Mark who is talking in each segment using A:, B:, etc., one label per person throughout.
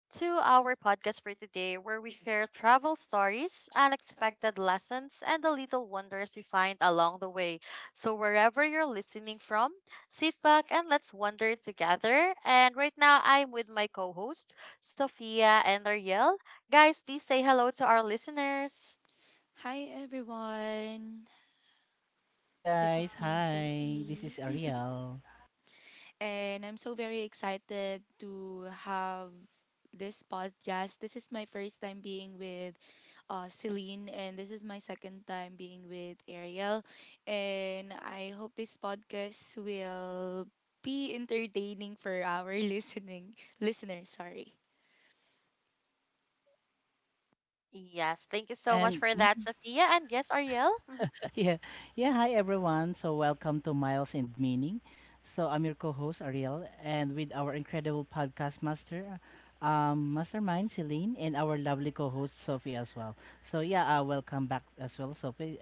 A: to our podcast for today where we share travel stories, unexpected lessons, and the little wonders we find along the way. So, wherever you're listening from, sit back and let's wander together. And right now, I'm with my co host, Sophia and Ariel. Guys, please say hello to our listeners.
B: Hi everyone,
C: Hello
B: this
C: guys,
B: is me,
C: hi. This
B: Sophie,
C: is Ariel.
B: and I'm so very excited to have this podcast. This is my first time being with Celine, and this is my second time being with Ariel. And I hope this podcast will be entertaining for our listening listeners. Sorry.
A: Yes, thank you so much
C: And
A: for that, Sophia. And yes, Ariel? Mm-hmm.
C: yeah, yeah, hi everyone. So welcome to Miles and Meaning. So I'm your co-host Ariel and with our incredible podcast mastermind Celine and our lovely co-host Sophie as well. So yeah, welcome back as well Sophie.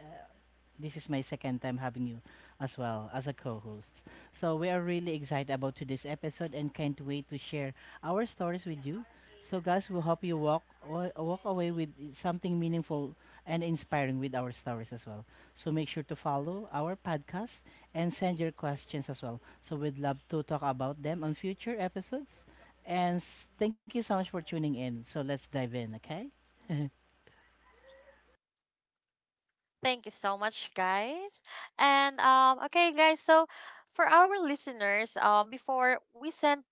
C: This is my second time having you as well as a co host. So, we are really excited about today's episode and can't wait to share our stories with you. So, guys, we hope you walk away with something meaningful and inspiring with our stories as well. So, make sure to follow our podcast and send your questions as well. So, we'd love to talk about them on future episodes. And thank you so much for tuning in. So, let's dive in, okay?
A: Thank you so much, guys. And okay, guys. So for our listeners, before we sent,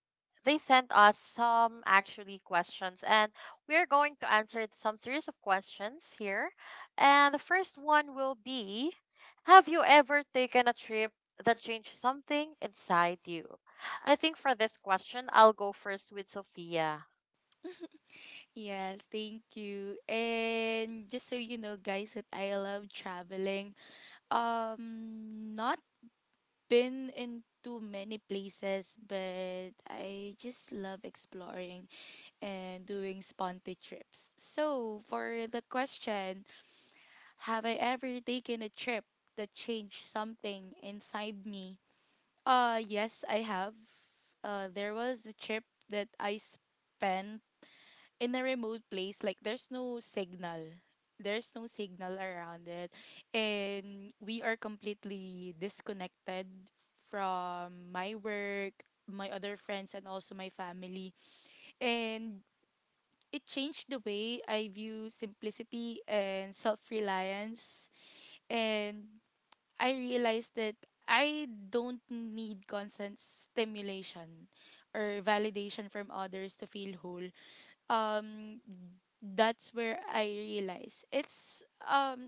A: they sent us some actually questions, and we are going to answer some series of questions here. And the first one will be, have you ever taken a trip that changed something inside you? I think for this question, I'll go first with Sophia.
B: Yes, thank you. And just so you know, guys, that I love traveling. Not been into many places, but I just love exploring and doing spontaneous trips. So, for the question, have I ever taken a trip that changed something inside me? Yes, I have. There was a trip that I spent in a remote place. Like, there's no signal around it, and we are completely disconnected from my work, my other friends, and also my family. And it changed the way I view simplicity and self-reliance. And I realized that I don't need constant stimulation or validation from others to feel whole. Um, that's where I realize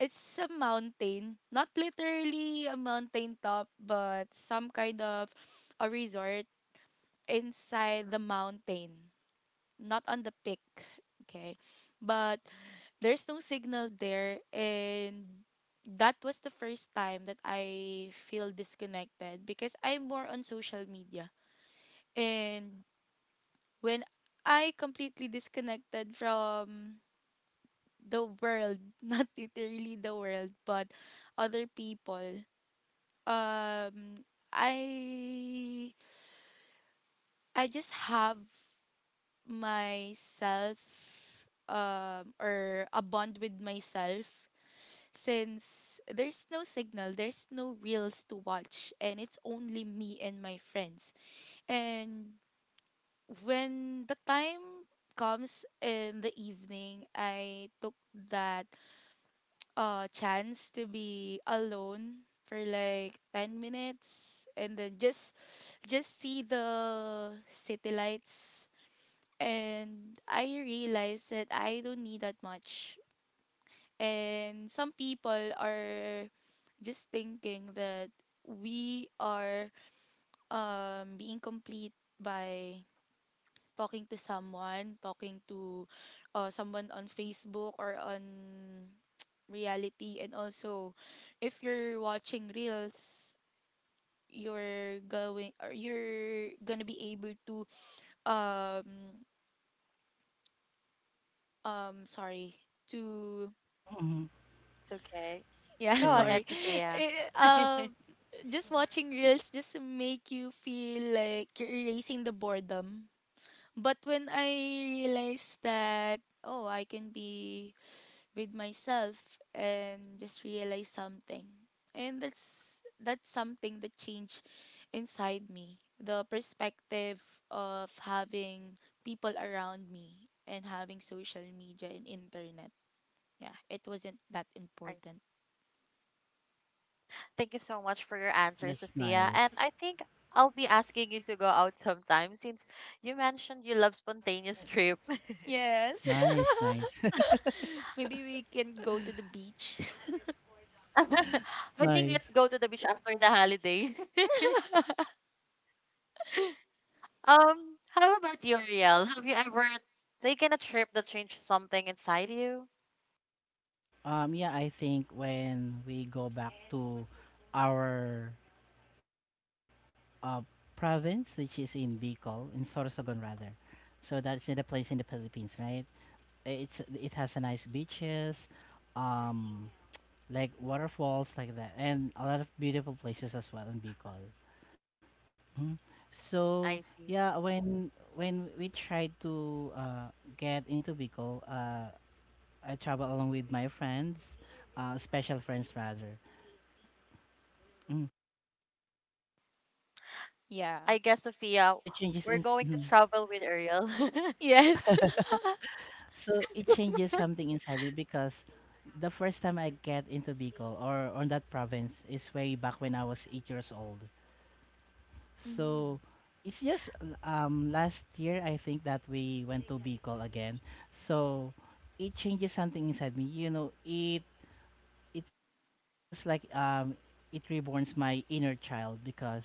B: it's a mountain, not literally a mountain top, but some kind of a resort inside the mountain, not on the peak. Okay. But there's no signal there, and that was the first time that I feel disconnected because I'm more on social media. And when I completely disconnected from the world, not literally the world, but other people. Um, I just have myself, or a bond with myself, since there's no signal, there's no reels to watch, and it's only me and my friends. And when the time comes in the evening, I took that chance to be alone for like 10 minutes, and then just see the city lights. And I realized that I don't need that much, and some people are just thinking that we are being complete by talking to someone on Facebook or on reality. And also, if you're watching reels, you're going, or you're gonna be able to um sorry to
C: Mhm.
A: It's okay.
B: yeah
A: Go
B: sorry
A: ahead,
C: Sure.
A: Sophia.
B: Eh, um just watching reels just make you feel like you're erasing the boredom. But when I realized that, oh, I can be with myself and just realize something. And that's something that changed inside me. The perspective of having people around me and having social media and internet. Yeah, it wasn't that important.
A: Thank you so much for your answer,
C: That's
A: Sophia. And
C: nice.
A: I think I'll be asking you to go out sometime since you mentioned you love spontaneous trip.
B: Yes.
C: Nice, nice.
B: Maybe we can go to the beach.
A: I think let's
C: Nice.
A: go to the beach after the holiday. How about you, Riel? Have you ever taken a trip that changed something inside you?
C: Yeah, I think when we go back to our uh, province, which is in Bicol, in Sorsogon rather. So that's in the place in the Philippines, right? It has a nice beaches, um, like waterfalls like that, and a lot of beautiful places as well in Bicol. Mhm. So
A: I see.
C: yeah, when we tried to get into Bicol, I travel along with my friends, special friends rather. Mm.
B: Yeah.
A: I guess Sophia,
C: So it changes
A: we're
C: in.
A: going to
C: Mhm.
A: travel with Ariel.
B: Yes.
C: So it changes something inside me because the first time I get into Bicol or on that province is way back when I was 8 years old.
B: Mm.
C: So it's just last year I think that we went to Bicol again. So it changes something inside me. It feels like it reborns my inner child because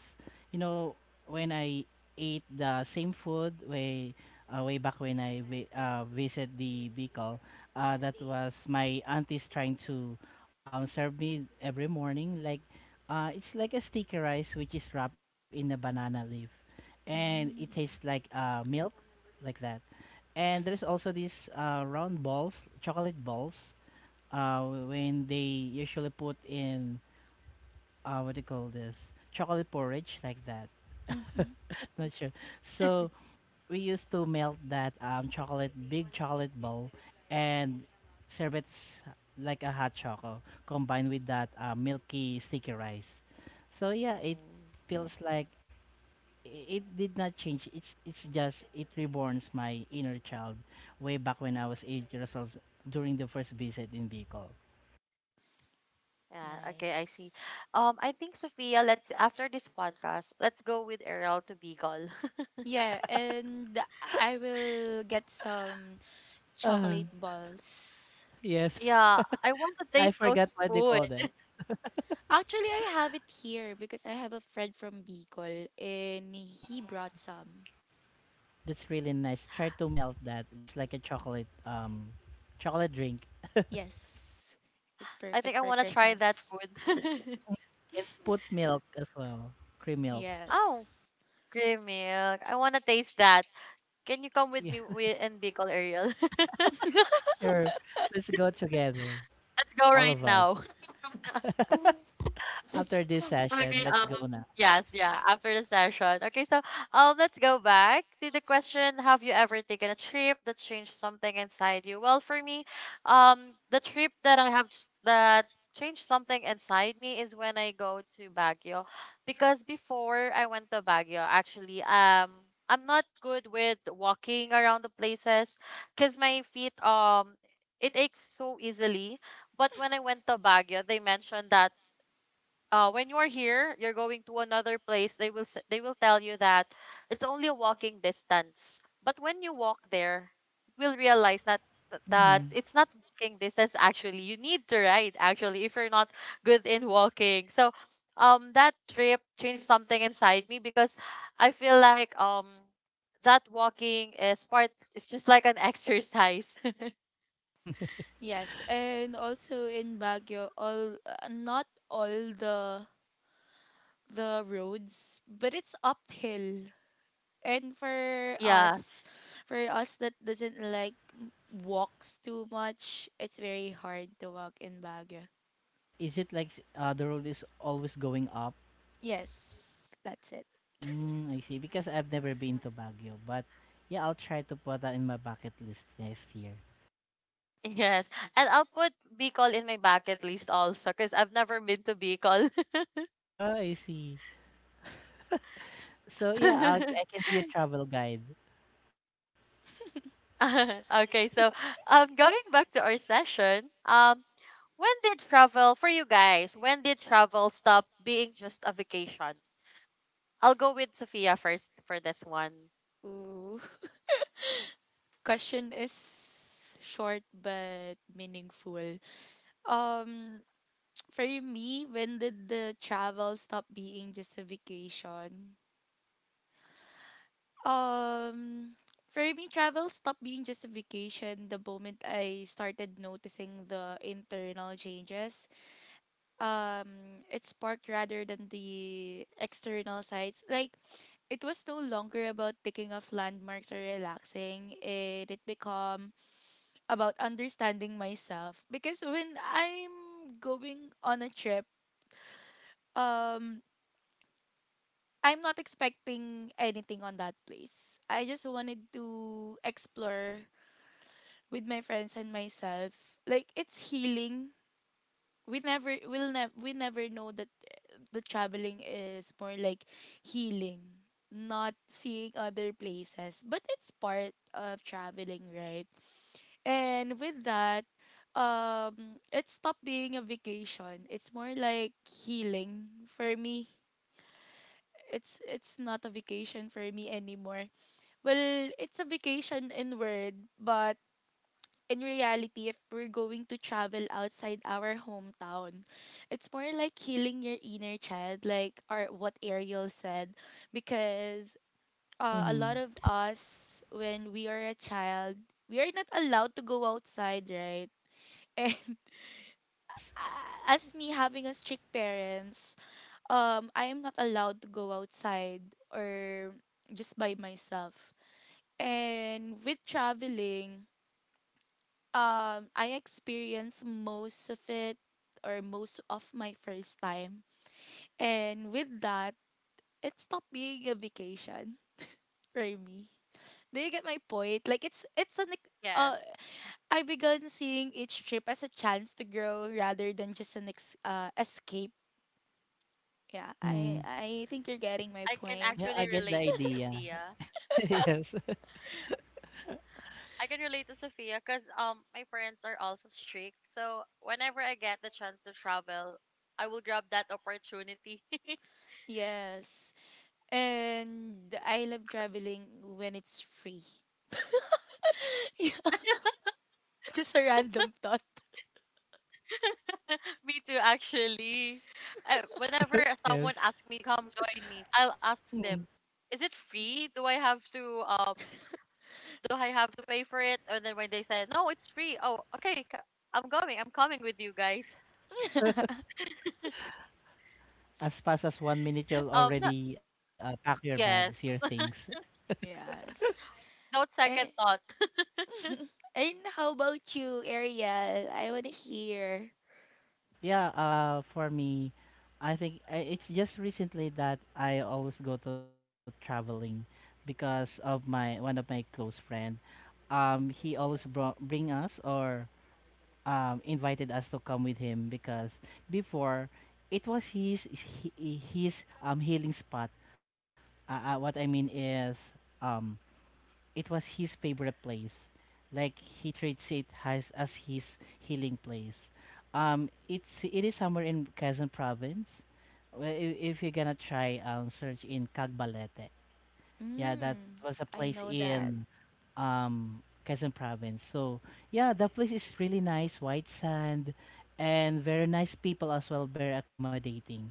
C: you know when I ate the same food way back when I visit the Bicol, that was my aunties trying to serve me every morning like it's like a sticky rice which is wrapped in a banana leaf and it tastes like
B: Mm.
C: milk like that. And there's also these round balls chocolate balls when they usually put in what do you call this, chocolate porridge like that.
B: Mm-hmm.
C: Not sure. So we used to melt that big chocolate ball, and serve it like a hot choco combined with that milky sticky rice. So yeah, it
B: Oh,
C: feels like i- it did not change. It's just it reborns my inner child way back when I was 8 years old during the first visit in Bicol.
A: Yeah, okay, I see.
B: nice.
A: I think Sophia, let's after this podcast, let's go with Ariel to Bicol.
B: Yeah, and I will get some chocolate balls.
C: Yes,
A: Yeah, I want to
C: I
A: taste
C: forgot
A: those
C: what they
A: food.
C: call that.
B: Actually, I have it here because I have a friend from Bicol and
C: Mm,
B: he brought some.
C: that's really nice. Try to melt that. It's like a chocolate chocolate drink.
B: Yes. It's
A: I think
B: perfect
A: I
B: for
A: want to try that
B: Christmas.
A: food.
C: And put milk as well. Cream milk.
A: Oh,
B: Yes.
A: cream milk. I want to taste that. Can you come
C: Yeah,
A: with me with in Bicol, Ariel?
C: sure. Let's go together.
A: Let's go
C: All of
A: right
C: us.
A: now.
C: After this session,
A: Okay,
C: let's go now.
A: yes, yeah, after the session. Okay, so let's go back to the question, have you ever taken a trip that changed something inside you? Well, for me, the trip that I have s- that changed something inside me is when I go to Baguio. Because before I went to Baguio, actually, I'm not good with walking around the places because my feet, it aches so easily. But when I went to Baguio, they mentioned that when you're here, you're going to another place. They will they will tell you that it's only a walking distance. But when you walk there, you will realize that that
C: Hmm.
A: it's not walking distance actually. You need to ride actually if you're not good in walking. So, that trip changed something inside me because I feel like that walking is part. It's just like an exercise.
B: Yes, and also in Baguio, all not all the roads, but it's uphill. And for
A: Yeah.
B: us, that doesn't like walks too much, it's very hard to walk in Baguio.
C: Is it like the road is always going up?
B: Yes, that's it.
C: Mm, I see. Because I've never been to Baguio, but yeah, I'll try to put that in my bucket list next year.
A: Yes, and I'll put Bicol in my bucket list also because I've never been to Bicol.
C: Oh, I see. So yeah, I can be your travel guide.
A: Okay, so going back to our session, when did travel for you guys? When did travel stop being just a vacation? I'll go with Sophia first for this one.
B: Ooh. Question is short but meaningful. Um, for me, when did the travel stop being just a vacation? Um, for me, travel stopped being just a vacation the moment I started noticing the internal changes. It sparked rather than the external sides. Like, it was no longer about taking off landmarks or relaxing. It become about understanding myself, because when I'm going on a trip, um I'm not expecting anything on that place. I just wanted to explore with my friends and myself. Like, it's healing. We never know that the traveling is more like healing, not seeing other places. But it's part of traveling, right? And with that, it stopped being a vacation. It's more like healing for me. It's not a vacation for me anymore. Well, it's a vacation in word, but in reality, if we're going to travel outside our hometown, it's more like healing your inner child, like, or what Ariel said, because a lot
C: Mhm.
B: of us when we are a child, we are not allowed to go outside, right? And
C: Yes.
B: as me having a strict parents, I am not allowed to go outside or just by myself. And with traveling, I experienced most of it or most of my first time. And with that, it stopped being a vacation for me. Do you get my point? Like, it's an
A: Yes,
B: I began seeing each trip as a chance to grow rather than just an escape. Yeah, I
C: Mhm.
B: I think you're
A: I
B: getting
A: can
B: my
A: actually
B: point.
C: Yeah, I
A: relate
C: get
A: to
C: the
A: you, Fia.
C: idea. Yes.
A: I can relate to Sophia because my parents are also strict. So whenever I get the chance to travel, I will grab that opportunity.
B: Yes. And I love traveling when it's free. Yeah, just a random thought.
A: Me too, actually. Whenever someone
C: Yes.
A: asks me, "Come join me," I'll ask them,
C: Mhm.
A: "Is it free? Do I have to do I have to pay for it?" And then when they say, "No, it's free," oh, okay, I'm going. I'm coming with you guys.
C: As fast as 1 minute, you'll
A: No,
C: already pack your bags, your
A: yes,
C: things.
B: Yes.
A: no second
B: And,
A: thought.
B: and how about you, Ariel? I want to hear.
C: Yeah. For me, I think it's just recently that I always go to traveling because of my one of my close friend. He always brought bring us or invited us to come with him because before it was his healing spot. What I mean is, um, it was his favorite place. Like he treats it as his healing place. It is somewhere in Quezon Province. Well, if you're gonna try, search in Cagbalete. Yeah, that
B: Mm,
C: was a
B: I
C: place
B: know that.
C: in Quezon Province. So yeah, the place is really nice, white sand, and very nice people as well, very accommodating,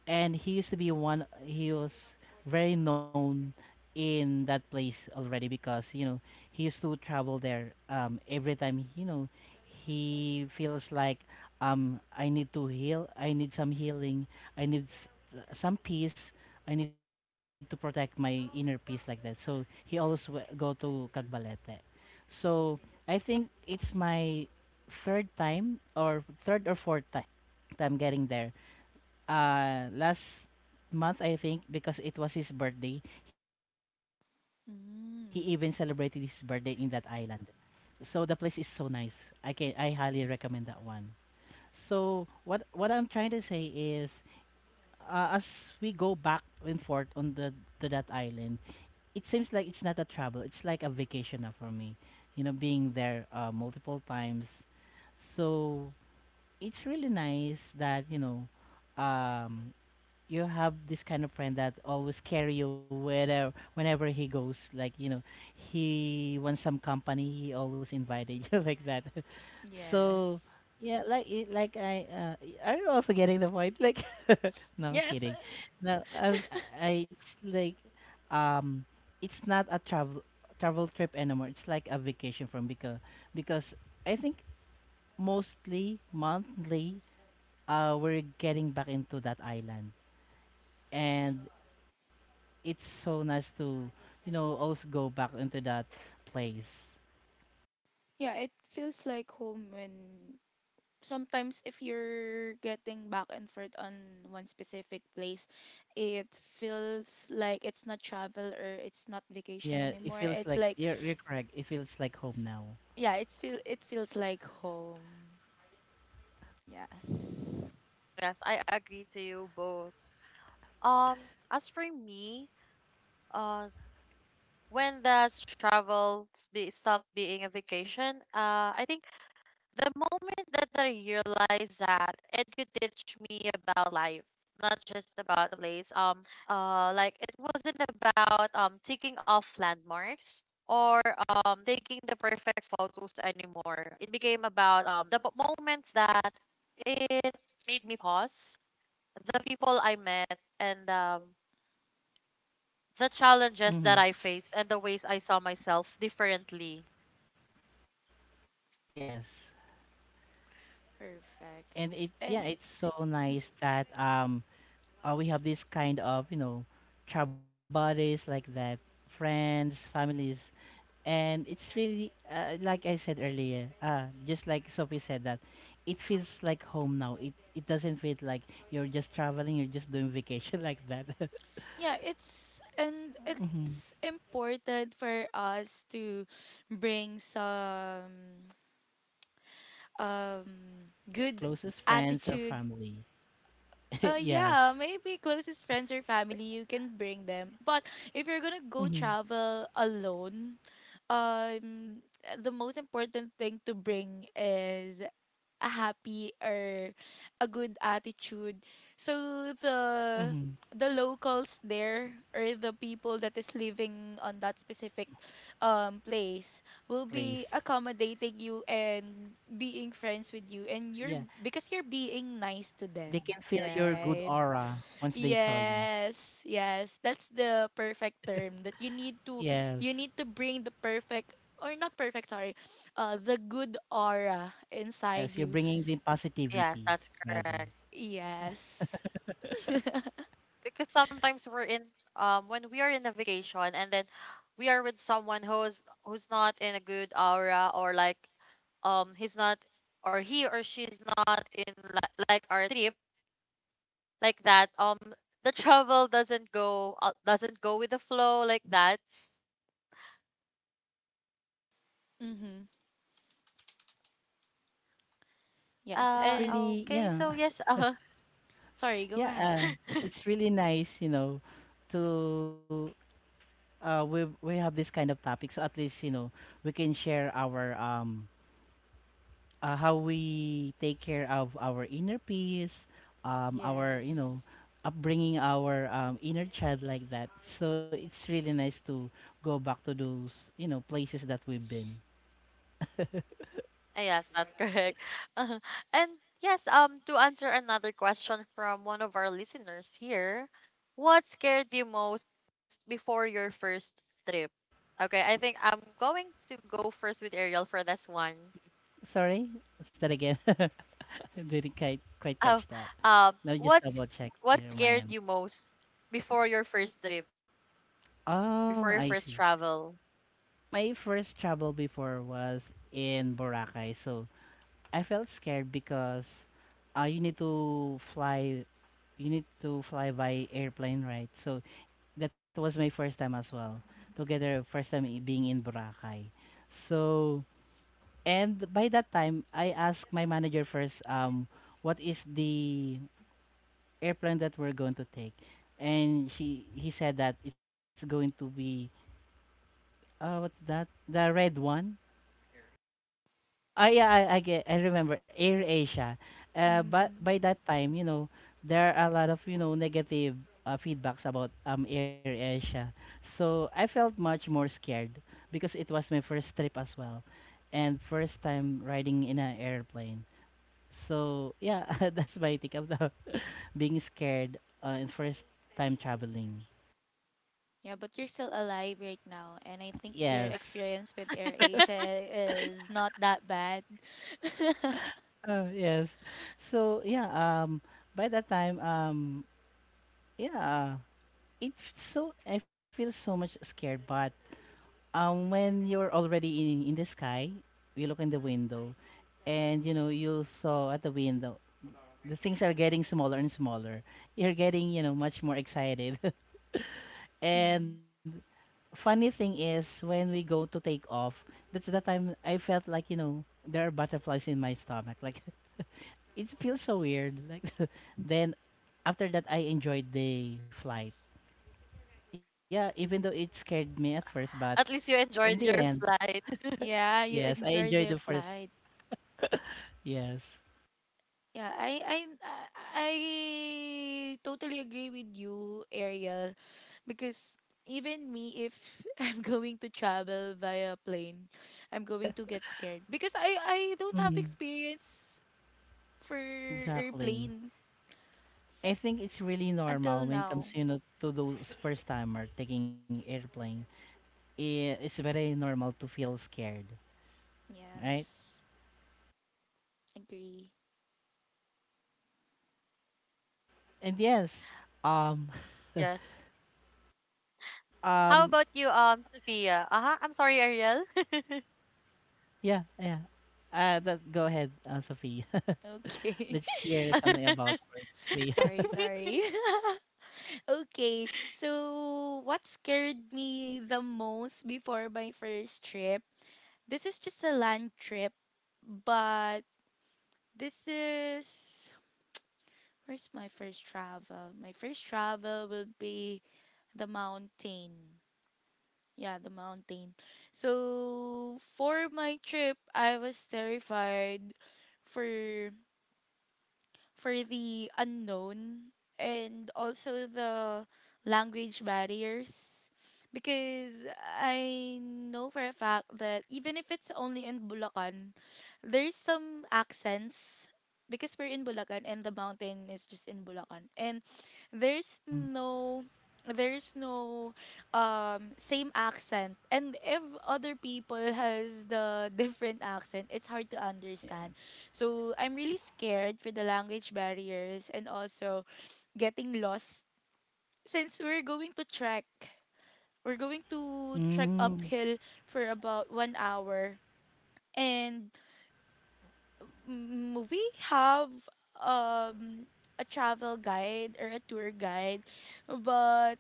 C: and he used to be one he was very known in that place already because he used to travel there every time. You know, he feels like I need to heal, I need some healing, I need some peace, I need to protect my inner peace like that. So he always go to Cagbalete. So I think it's my third time, or third or fourth time getting there, last month I think, because it was his birthday, he even celebrated his birthday in that
B: Mm,
C: island. So the place is so nice. I highly recommend that one. So what I'm trying to say is, as we go back and forth on the to that island, it seems like it's not a travel. It's like a vacation now for me. Being there multiple times. So it's really nice that, um you have this kind of friend that always carry you wherever whenever he goes. Like, he wants some company, he always invited you like that. So
B: yes.
C: yeah, like it, like I y- are you also getting the point? Like, no, I'm
B: Yes. Uh,
C: kidding. No, I, I it's like, um it's not a travel trip anymore. It's like a vacation from because because I think mostly monthly we're getting back into that island. And it's so nice to also go back into that place.
B: Yeah, it feels like home when sometimes if you're getting back and forth on one specific place, it feels like it's not travel or it's not
C: Mm,
B: vacation
C: yeah, it
B: anymore.
C: feels
B: It's
C: like
B: like,
C: you're correct. It feels like home now.
B: yeah, it feels like home. Yes.
A: Yes, I agree to you both. Um, as for me, uh, when does travel stop being a vacation? I think the moment that I realized that it could teach me about life, not just about the place, like it wasn't about taking off landmarks or taking the perfect photos anymore. It became about moments that it made me pause, the people I met, and the challenges
C: Hmm.
A: that I faced, and the ways I saw myself differently.
C: Yes,
B: Perfect.
C: and it yeah,
B: And
C: it's so nice that we have this kind of travel buddies like that, friends, families, and it's really like I said earlier, just like Sophie said, that it feels like home now. It doesn't feel like you're just traveling, you're just doing vacation like that.
B: yeah, it's and
C: Mhm.
B: it's important for us to bring some good
C: Closest friends or
B: attitude.
C: family. Yes.
B: Yeah, maybe closest friends or family you can bring them. But if you're gonna go
C: Mm-hmm.
B: travel alone, um the most important thing to bring is a happy or a good attitude. So
C: Mm-hmm.
B: the locals there or the people that is living on that specific place will be
C: Please.
B: accommodating you and being friends with you, and you're,
C: Yeah,
B: because you're being nice to
C: they can
B: them,
C: feel your good
B: right?
C: aura once they saw you.
B: Yes, that's the perfect term that you need to, you
C: Yes,
B: need to bring the perfect or not perfect, sorry, the good aura inside
C: yes, you're
B: you.
C: bringing the
A: Yes,
C: positivity
A: that's
C: rather,
A: correct.
B: Yes.
A: Because sometimes we're in when we are in a vacation and then we are with someone who's not in a good aura or like he's not or he or she's not in li- like our trip like that, the travel doesn't go, doesn't go with the flow like that.
B: Mhm.
C: and
B: Yes.
C: it's
A: uh
B: And
C: really
A: okay,
C: yeah,
A: so yes.
B: sorry, go
C: yeah.
B: ahead.
C: It's really nice, to we have this kind of topic, so at least we can share our how we take care of our inner peace, our
B: Yes.
C: upbringing, our inner child like that. So it's really nice to go back to those places that we've been.
A: Ah, yes, that's correct. uh And yes, to answer another question from one of our listeners here, what scared you most before your first trip? Okay, I think I'm going to go first with Ariel for this one.
C: Sorry, what's that again? I didn't quite
A: Oh,
C: catch that. Let me just
A: what's
C: double check
A: what
C: here on my
A: scared
C: end.
A: you most before your first trip,
C: Oh,
A: before
C: I
A: your
C: see.
A: first travel?
C: My first travel before was in Boracay. So I felt scared because uh, you need to fly you need to fly by airplane, right? So that was my first time as well. Together, first time being in Boracay. So, and by that time I asked my manager first, what is the airplane that we're going to take. And he said that it's going to be what's that? The red one. Oh, I yeah, I remember Air Asia. But by
B: Mhm.
C: that time, there are a lot of, negative feedbacks about Air Asia. So I felt much more scared because it was my first trip as well, and first time riding in an airplane. So yeah, that's my take about being scared in first time traveling.
B: Yeah, but you're still alive right now and I think your
A: I
C: Yes.
B: experience with Air Asia is not that bad.
C: Oh yes. So yeah, um by that time yeah, it's so I feel so much scared. But when you're already in the sky, you look in the window, and you saw at the window the things are getting smaller and smaller. You're getting much more excited.
B: Mm.
C: And funny thing is when we go to take off, that's the time I felt like there are butterflies in my stomach. Like it feels so weird. Like then after that I enjoyed the flight. Yeah, even though it scared me at first, but
A: At least you
C: in the
A: enjoyed
C: end,
A: your flight.
B: Yeah, you
C: yes, I enjoyed
B: enjoyed
C: the
B: their
C: first.
B: flight.
C: Yes,
B: Yeah, I totally agree with you, Ariel, because even me, if I'm going to travel via plane, I'm going to get scared because I don't have
C: hmm,
B: experience for
C: exactly.
B: airplane
C: I think it's really normal
B: until
C: when it comes,
B: now.
C: to those first timer taking airplane. It's very normal to feel scared, right?
B: Yes, agree.
C: And yes, um,
A: Yes.
C: um,
A: How about you, Sophia? Uh-huh. I'm sorry, Ariel.
C: yeah, yeah. That Go ahead, Sophie.
B: Okay.
C: Let's hear something about birds. Sophie.
B: Sorry. Okay, so what scared me the most before my first trip? This is just a land trip, but this is. Where's my first travel? My first travel will be the mountain. Yeah, the mountain. So for my trip, I was terrified for the unknown and also the language barriers, because I know for a fact that even if it's only in Bulacan, there's some accents because we're in Bulacan and the mountain is just in Bulacan, and there's
C: Mm,
B: no there's no same accent, and if other people has the different accent, it's hard to understand. So I'm really scared for the language barriers and also getting lost, since we're going to trek. We're going to trek
C: mm,
B: uphill for about 1 hour. And mm, we have um, a travel guide or a tour guide, but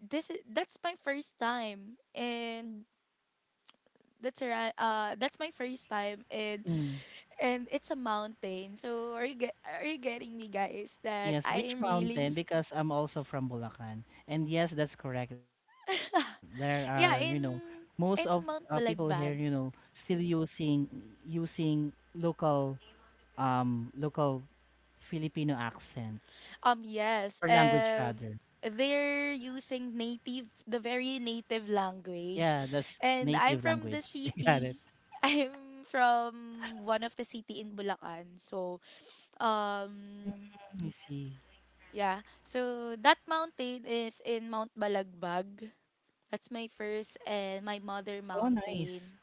B: that's my first time, and that's my first time, and
C: mm.
B: it's a mountain. So are you get are you getting me, guys, that
C: Yes,
B: I
C: which
B: am really
C: mountain? Because I'm also from Bulacan. And yes, that's correct. There are,
B: Yeah,
C: most
B: in
C: of people here,
B: Mount Balagbag.
C: still using local local Filipino accent
B: Um
C: or
B: yes,
C: language
B: um
C: rather.
B: they're using native the very native
C: Yeah, that's
B: language.
C: native
B: And I'm
C: language.
B: from the
C: Got it.
B: city. I'm from one of the city in Bulacan. So
C: Mm,
B: um
C: I see.
B: yeah, so that mountain is in Mount Balagbag. That's my first and my mother
C: Oh, nice.
B: mountain.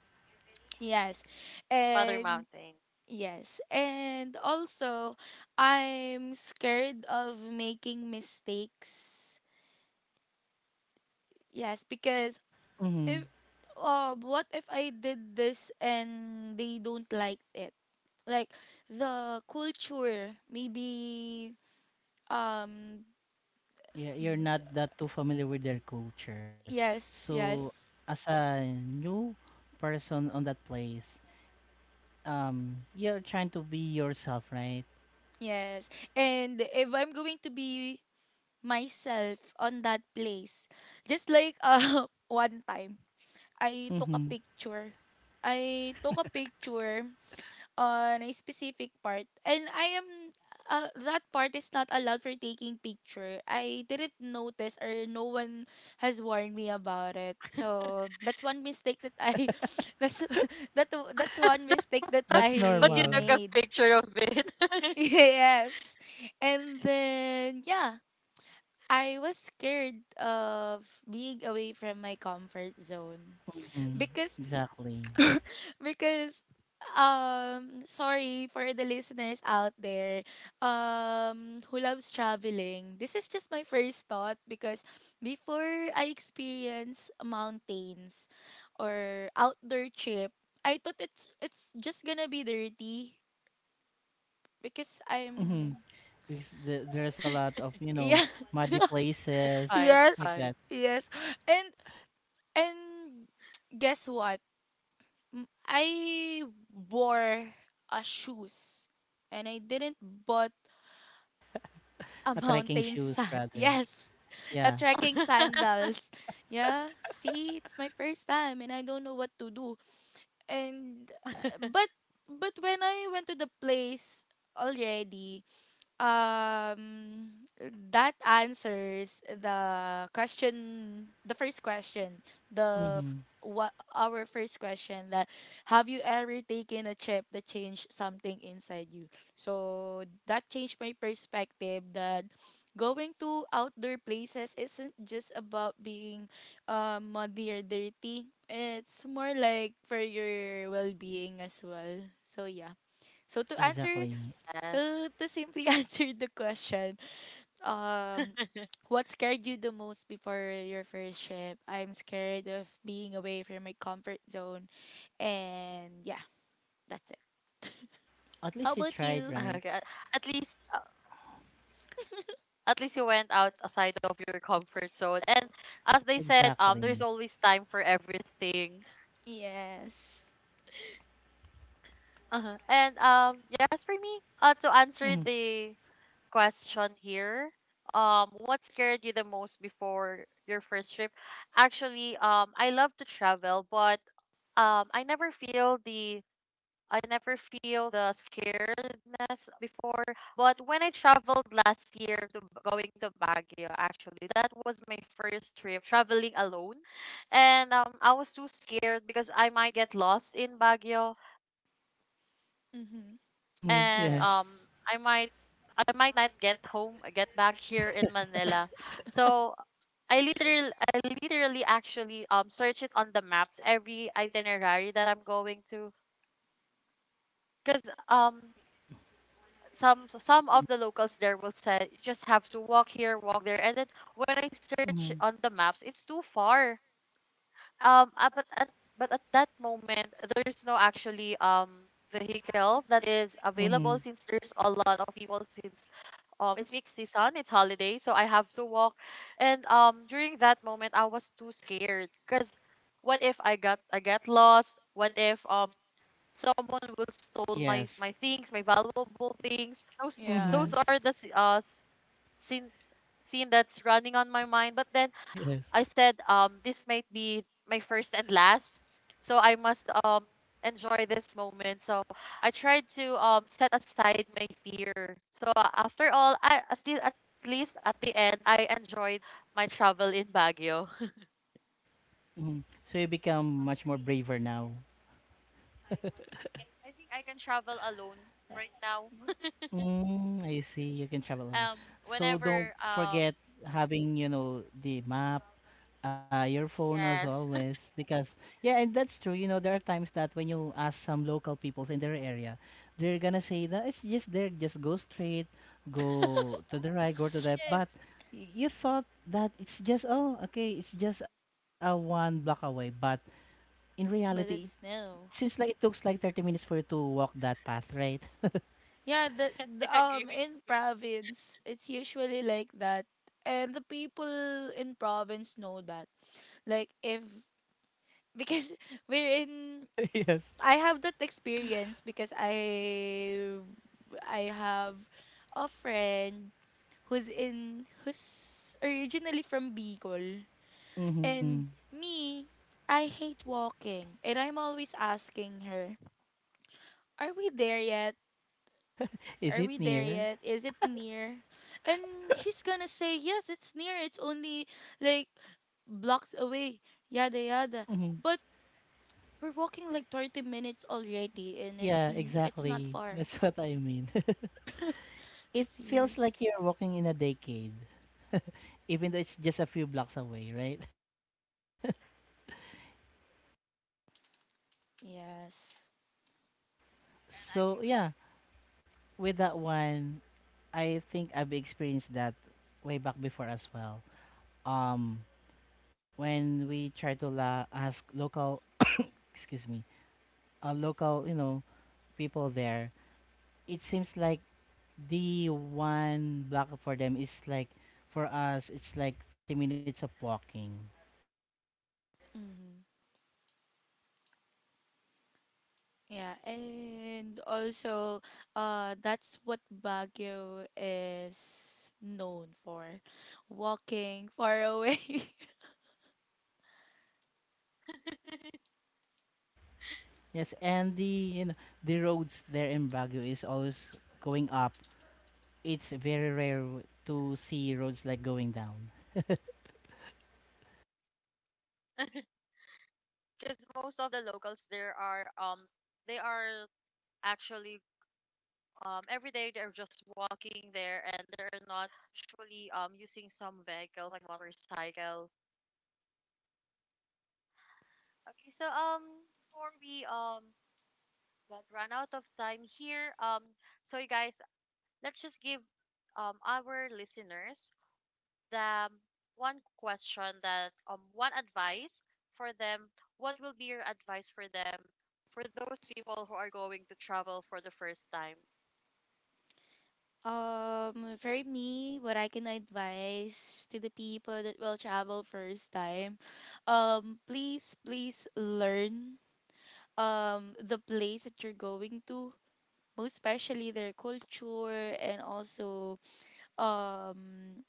B: Yes.
A: Mother
B: And
A: Mountain.
B: yes. And also, I'm scared of making mistakes. Yes, because if
C: Mm-hmm.
B: what if I did this and they don't like it? Like, the culture maybe um
C: Yeah, you're not that too familiar with their culture.
B: yes,
C: So,
B: yes.
C: as a new person on that place, you're trying to be yourself, right?
B: Yes. And if I'm going to be myself on that place, just like one time I took a
C: Mm-hmm.
B: picture. I took a picture on a specific part, and I am that part is not allowed for taking picture. I didn't notice, or no one has warned me about it. So that's one mistake that I that's that that's one mistake that
C: That's
A: But you
B: I
C: normal.
A: took a
B: made.
A: picture of it.
B: Yes. And then, yeah, I was scared of being away from my comfort zone
C: Mm,
B: because
C: exactly.
B: because sorry for the listeners out there who loves traveling, this is just my first thought, because before I experience mountains or outdoor trip, I thought it's just gonna be dirty because
C: Mm-hmm.
B: I'm
C: Because there's a lot of,
B: yeah,
C: muddy
A: It's
C: places
A: fine. It's
C: like
B: yes,
A: fine.
C: that.
B: yes, and and guess what? Mm, I wore a shoes, and I didn't bought a
C: A trekking
B: mountain
C: shoes
B: sand.
C: rather.
B: Yes. A
C: Yeah.
B: trekking sandals. Yeah, see, it's my first time and I don't know what to do. And but when I went to the place already, um that answers the question, the first question, the
C: Mm-hmm.
B: what our first question, that have you ever taken a trip that changed something inside you? So that changed my perspective that going to outdoor places isn't just about being muddy or dirty, it's more like for your well-being as well. So yeah, so to answer
C: Exactly.
A: Yes.
B: so to simply answer the question, um, what scared you the most before your first trip? I'm scared of being away from my comfort zone, and yeah, that's it.
C: At least
B: How
C: you
B: about
C: tried,
B: you?
C: right?
A: Okay. At least, at least you went out outside of your comfort zone. And as they said,
C: Exactly.
A: there's always time for everything.
B: Yes.
A: Uh-huh. And yes, for me, to
C: Mm-hmm.
A: answer the question here, what scared you the most before your first trip? Actually, I love to travel, but I never feel the scaredness before. But when I traveled last year to going to Baguio, actually, that was my first trip traveling alone. And I was too scared because I might get lost in Baguio,
B: Mhm.
C: Mm-hmm.
A: and
C: Yes.
B: Yes.
A: I might I might not get home, get back here in Manila. So I literally, actually search it on the maps every itinerary that I'm going to, because um some of the locals there will say you just have to walk here, walk there, and then when I search
C: Mm-hmm.
A: on the maps, it's too far. But at that moment, there's no actually vehicle that is available
C: Mm-hmm.
A: since there's a lot of people since it's peak season, it's holiday, so I have to walk, and during that moment I was too scared because what if I get lost? What if someone will stole my
C: Yes.
A: my things, my valuable things. Those
C: Mm-hmm.
A: are the
B: Yes.
A: scene, that's running on my mind. But then I
C: Yes.
A: said, this might be my first and last, so I must enjoy this moment. So I tried to set aside my fear. So after all, I, still at least at the end I enjoyed my travel in Baguio.
C: Mm-hmm. So you become much more braver now.
A: I think I can travel alone right now.
C: Mm, I see. You can travel a lot. So
A: Um,
C: don't
A: whenever
C: forget having, the map, your phone as
A: Yes.
C: always. Because yeah, and that's true. There are times that when you ask some local people in their area, they're gonna say that it's just there, just go straight, go to the right, go to the left. But
A: Yes.
C: you thought that it's just oh, okay, it's just a one block away. But in reality,
B: But it's
C: it seems
B: no.
C: like it takes like 30 minutes for you to walk that path, right?
B: Yeah,
A: I
B: the
A: agree with
B: in
A: you.
B: province, it's usually like that. And the people in province know that. Like, if because we're in,
C: Yes.
B: I have that experience because I have a friend who's in who's originally from Bicol,
C: Mm-hmm.
B: and me, I hate walking, and I'm always asking her, are we there yet?
C: Is
B: are
C: it
B: we there
C: near?
B: yet is it near? And she's gonna say yes, it's near, it's only like blocks away, yada yada,
C: Mhm.
B: but we're walking like 30 minutes already, and it's
C: Yeah,
B: it's not
C: exactly.
B: far.
C: That's what I mean. It feels
B: See?
C: like you're walking in a decade, even though it's just a few blocks away, right?
B: Yes.
A: And I
C: So,
A: agree with,
C: yeah, with that one, I think I've experienced that way back before as well. Um, when we try to ask local, excuse me, local, people there, it seems like the one block for them is like, for us, it's like 30 minutes of walking.
B: Mm-hmm. Yeah, and also, that's what Baguio is known for, walking far away.
C: Yes, and the you know the roads there in Baguio is always going up. It's very rare to see roads like going down.
A: because most of the locals there are actually every day they're just walking there and they're not usually using some vehicle like motorcycle. Okay, so before we got run out of time here, so you guys, let's just give our listeners the, one question that one advice for them, what will be your advice for them for those people who are going to travel for the first time?
B: For me, what I can advise to the people that will travel first time, please learn, the place that you're going to, most especially their culture, and also, um.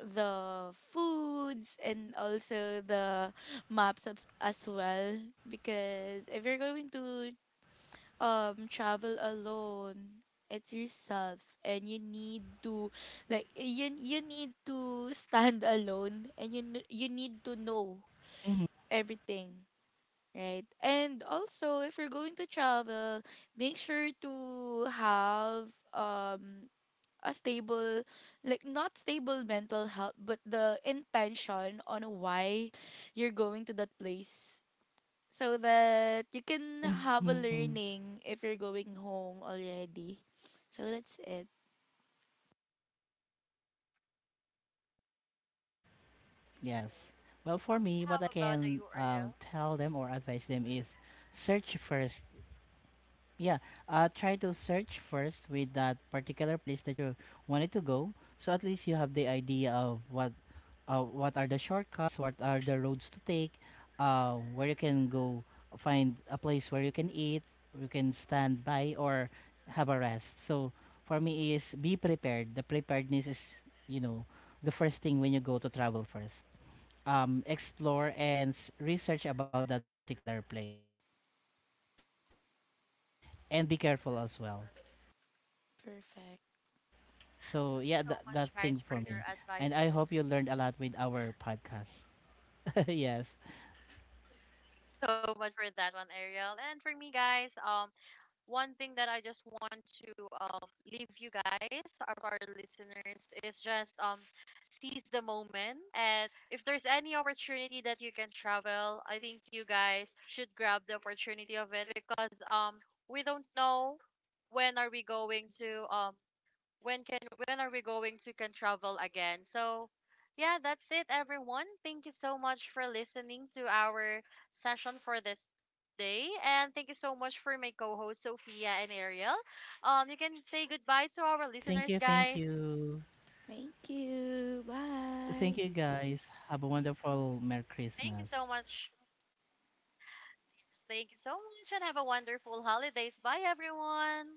B: the foods, and also the maps as well, because if you're going to travel alone, it's yourself, and you need to, like, you need to stand alone, and you you need to know everything,
C: Mhm.
B: right? And also, if you're going to travel, make sure to have um a stable, like, not stable mental health, but the intention on why you're going to that place, so that you can have a learning if you're going home already.
C: Mhm.
B: So that's it.
C: Yes. Well, for me, what I
A: How
C: can
A: about you, Ariel?
C: tell them or advise them is, search first. Yeah, try to search first with that particular place that you wanted to go. So at least you have the idea of what are the shortcuts, what are the roads to take, where you can go find a place where you can eat, you can stand by or have a rest. So for me is, be prepared. The preparedness is, you know, the first thing when you go to travel first. Explore and research about that particular place and be careful as well.
B: Perfect.
C: So yeah,
A: Thank
C: that
A: you
C: thing
A: so
C: for
A: much
C: me.
A: guys for
C: And
A: your
C: I hope you
A: advices.
C: learned a lot
A: Thanks
C: with our podcast. Yes.
A: so much for that one, Ariel. And for me guys, one thing that I just want to, leave you guys, our, listeners, is just, seize the moment. And if there's any opportunity that you can travel, I think you guys should grab the opportunity of it because we don't know when are we going to, when can when are we going to can travel again. So yeah, that's it everyone. Thank you so much for listening to our session for this day, and thank you so much for my co-host Sophia and Ariel. You can say goodbye to our listeners,
C: Thank you, thank
A: guys.
C: you.
B: Thank you. Bye.
C: Thank you guys. Have a wonderful Merry
A: Thank you so
C: Christmas.
A: much. Yes, thank you so much, and have a wonderful holidays. Bye everyone.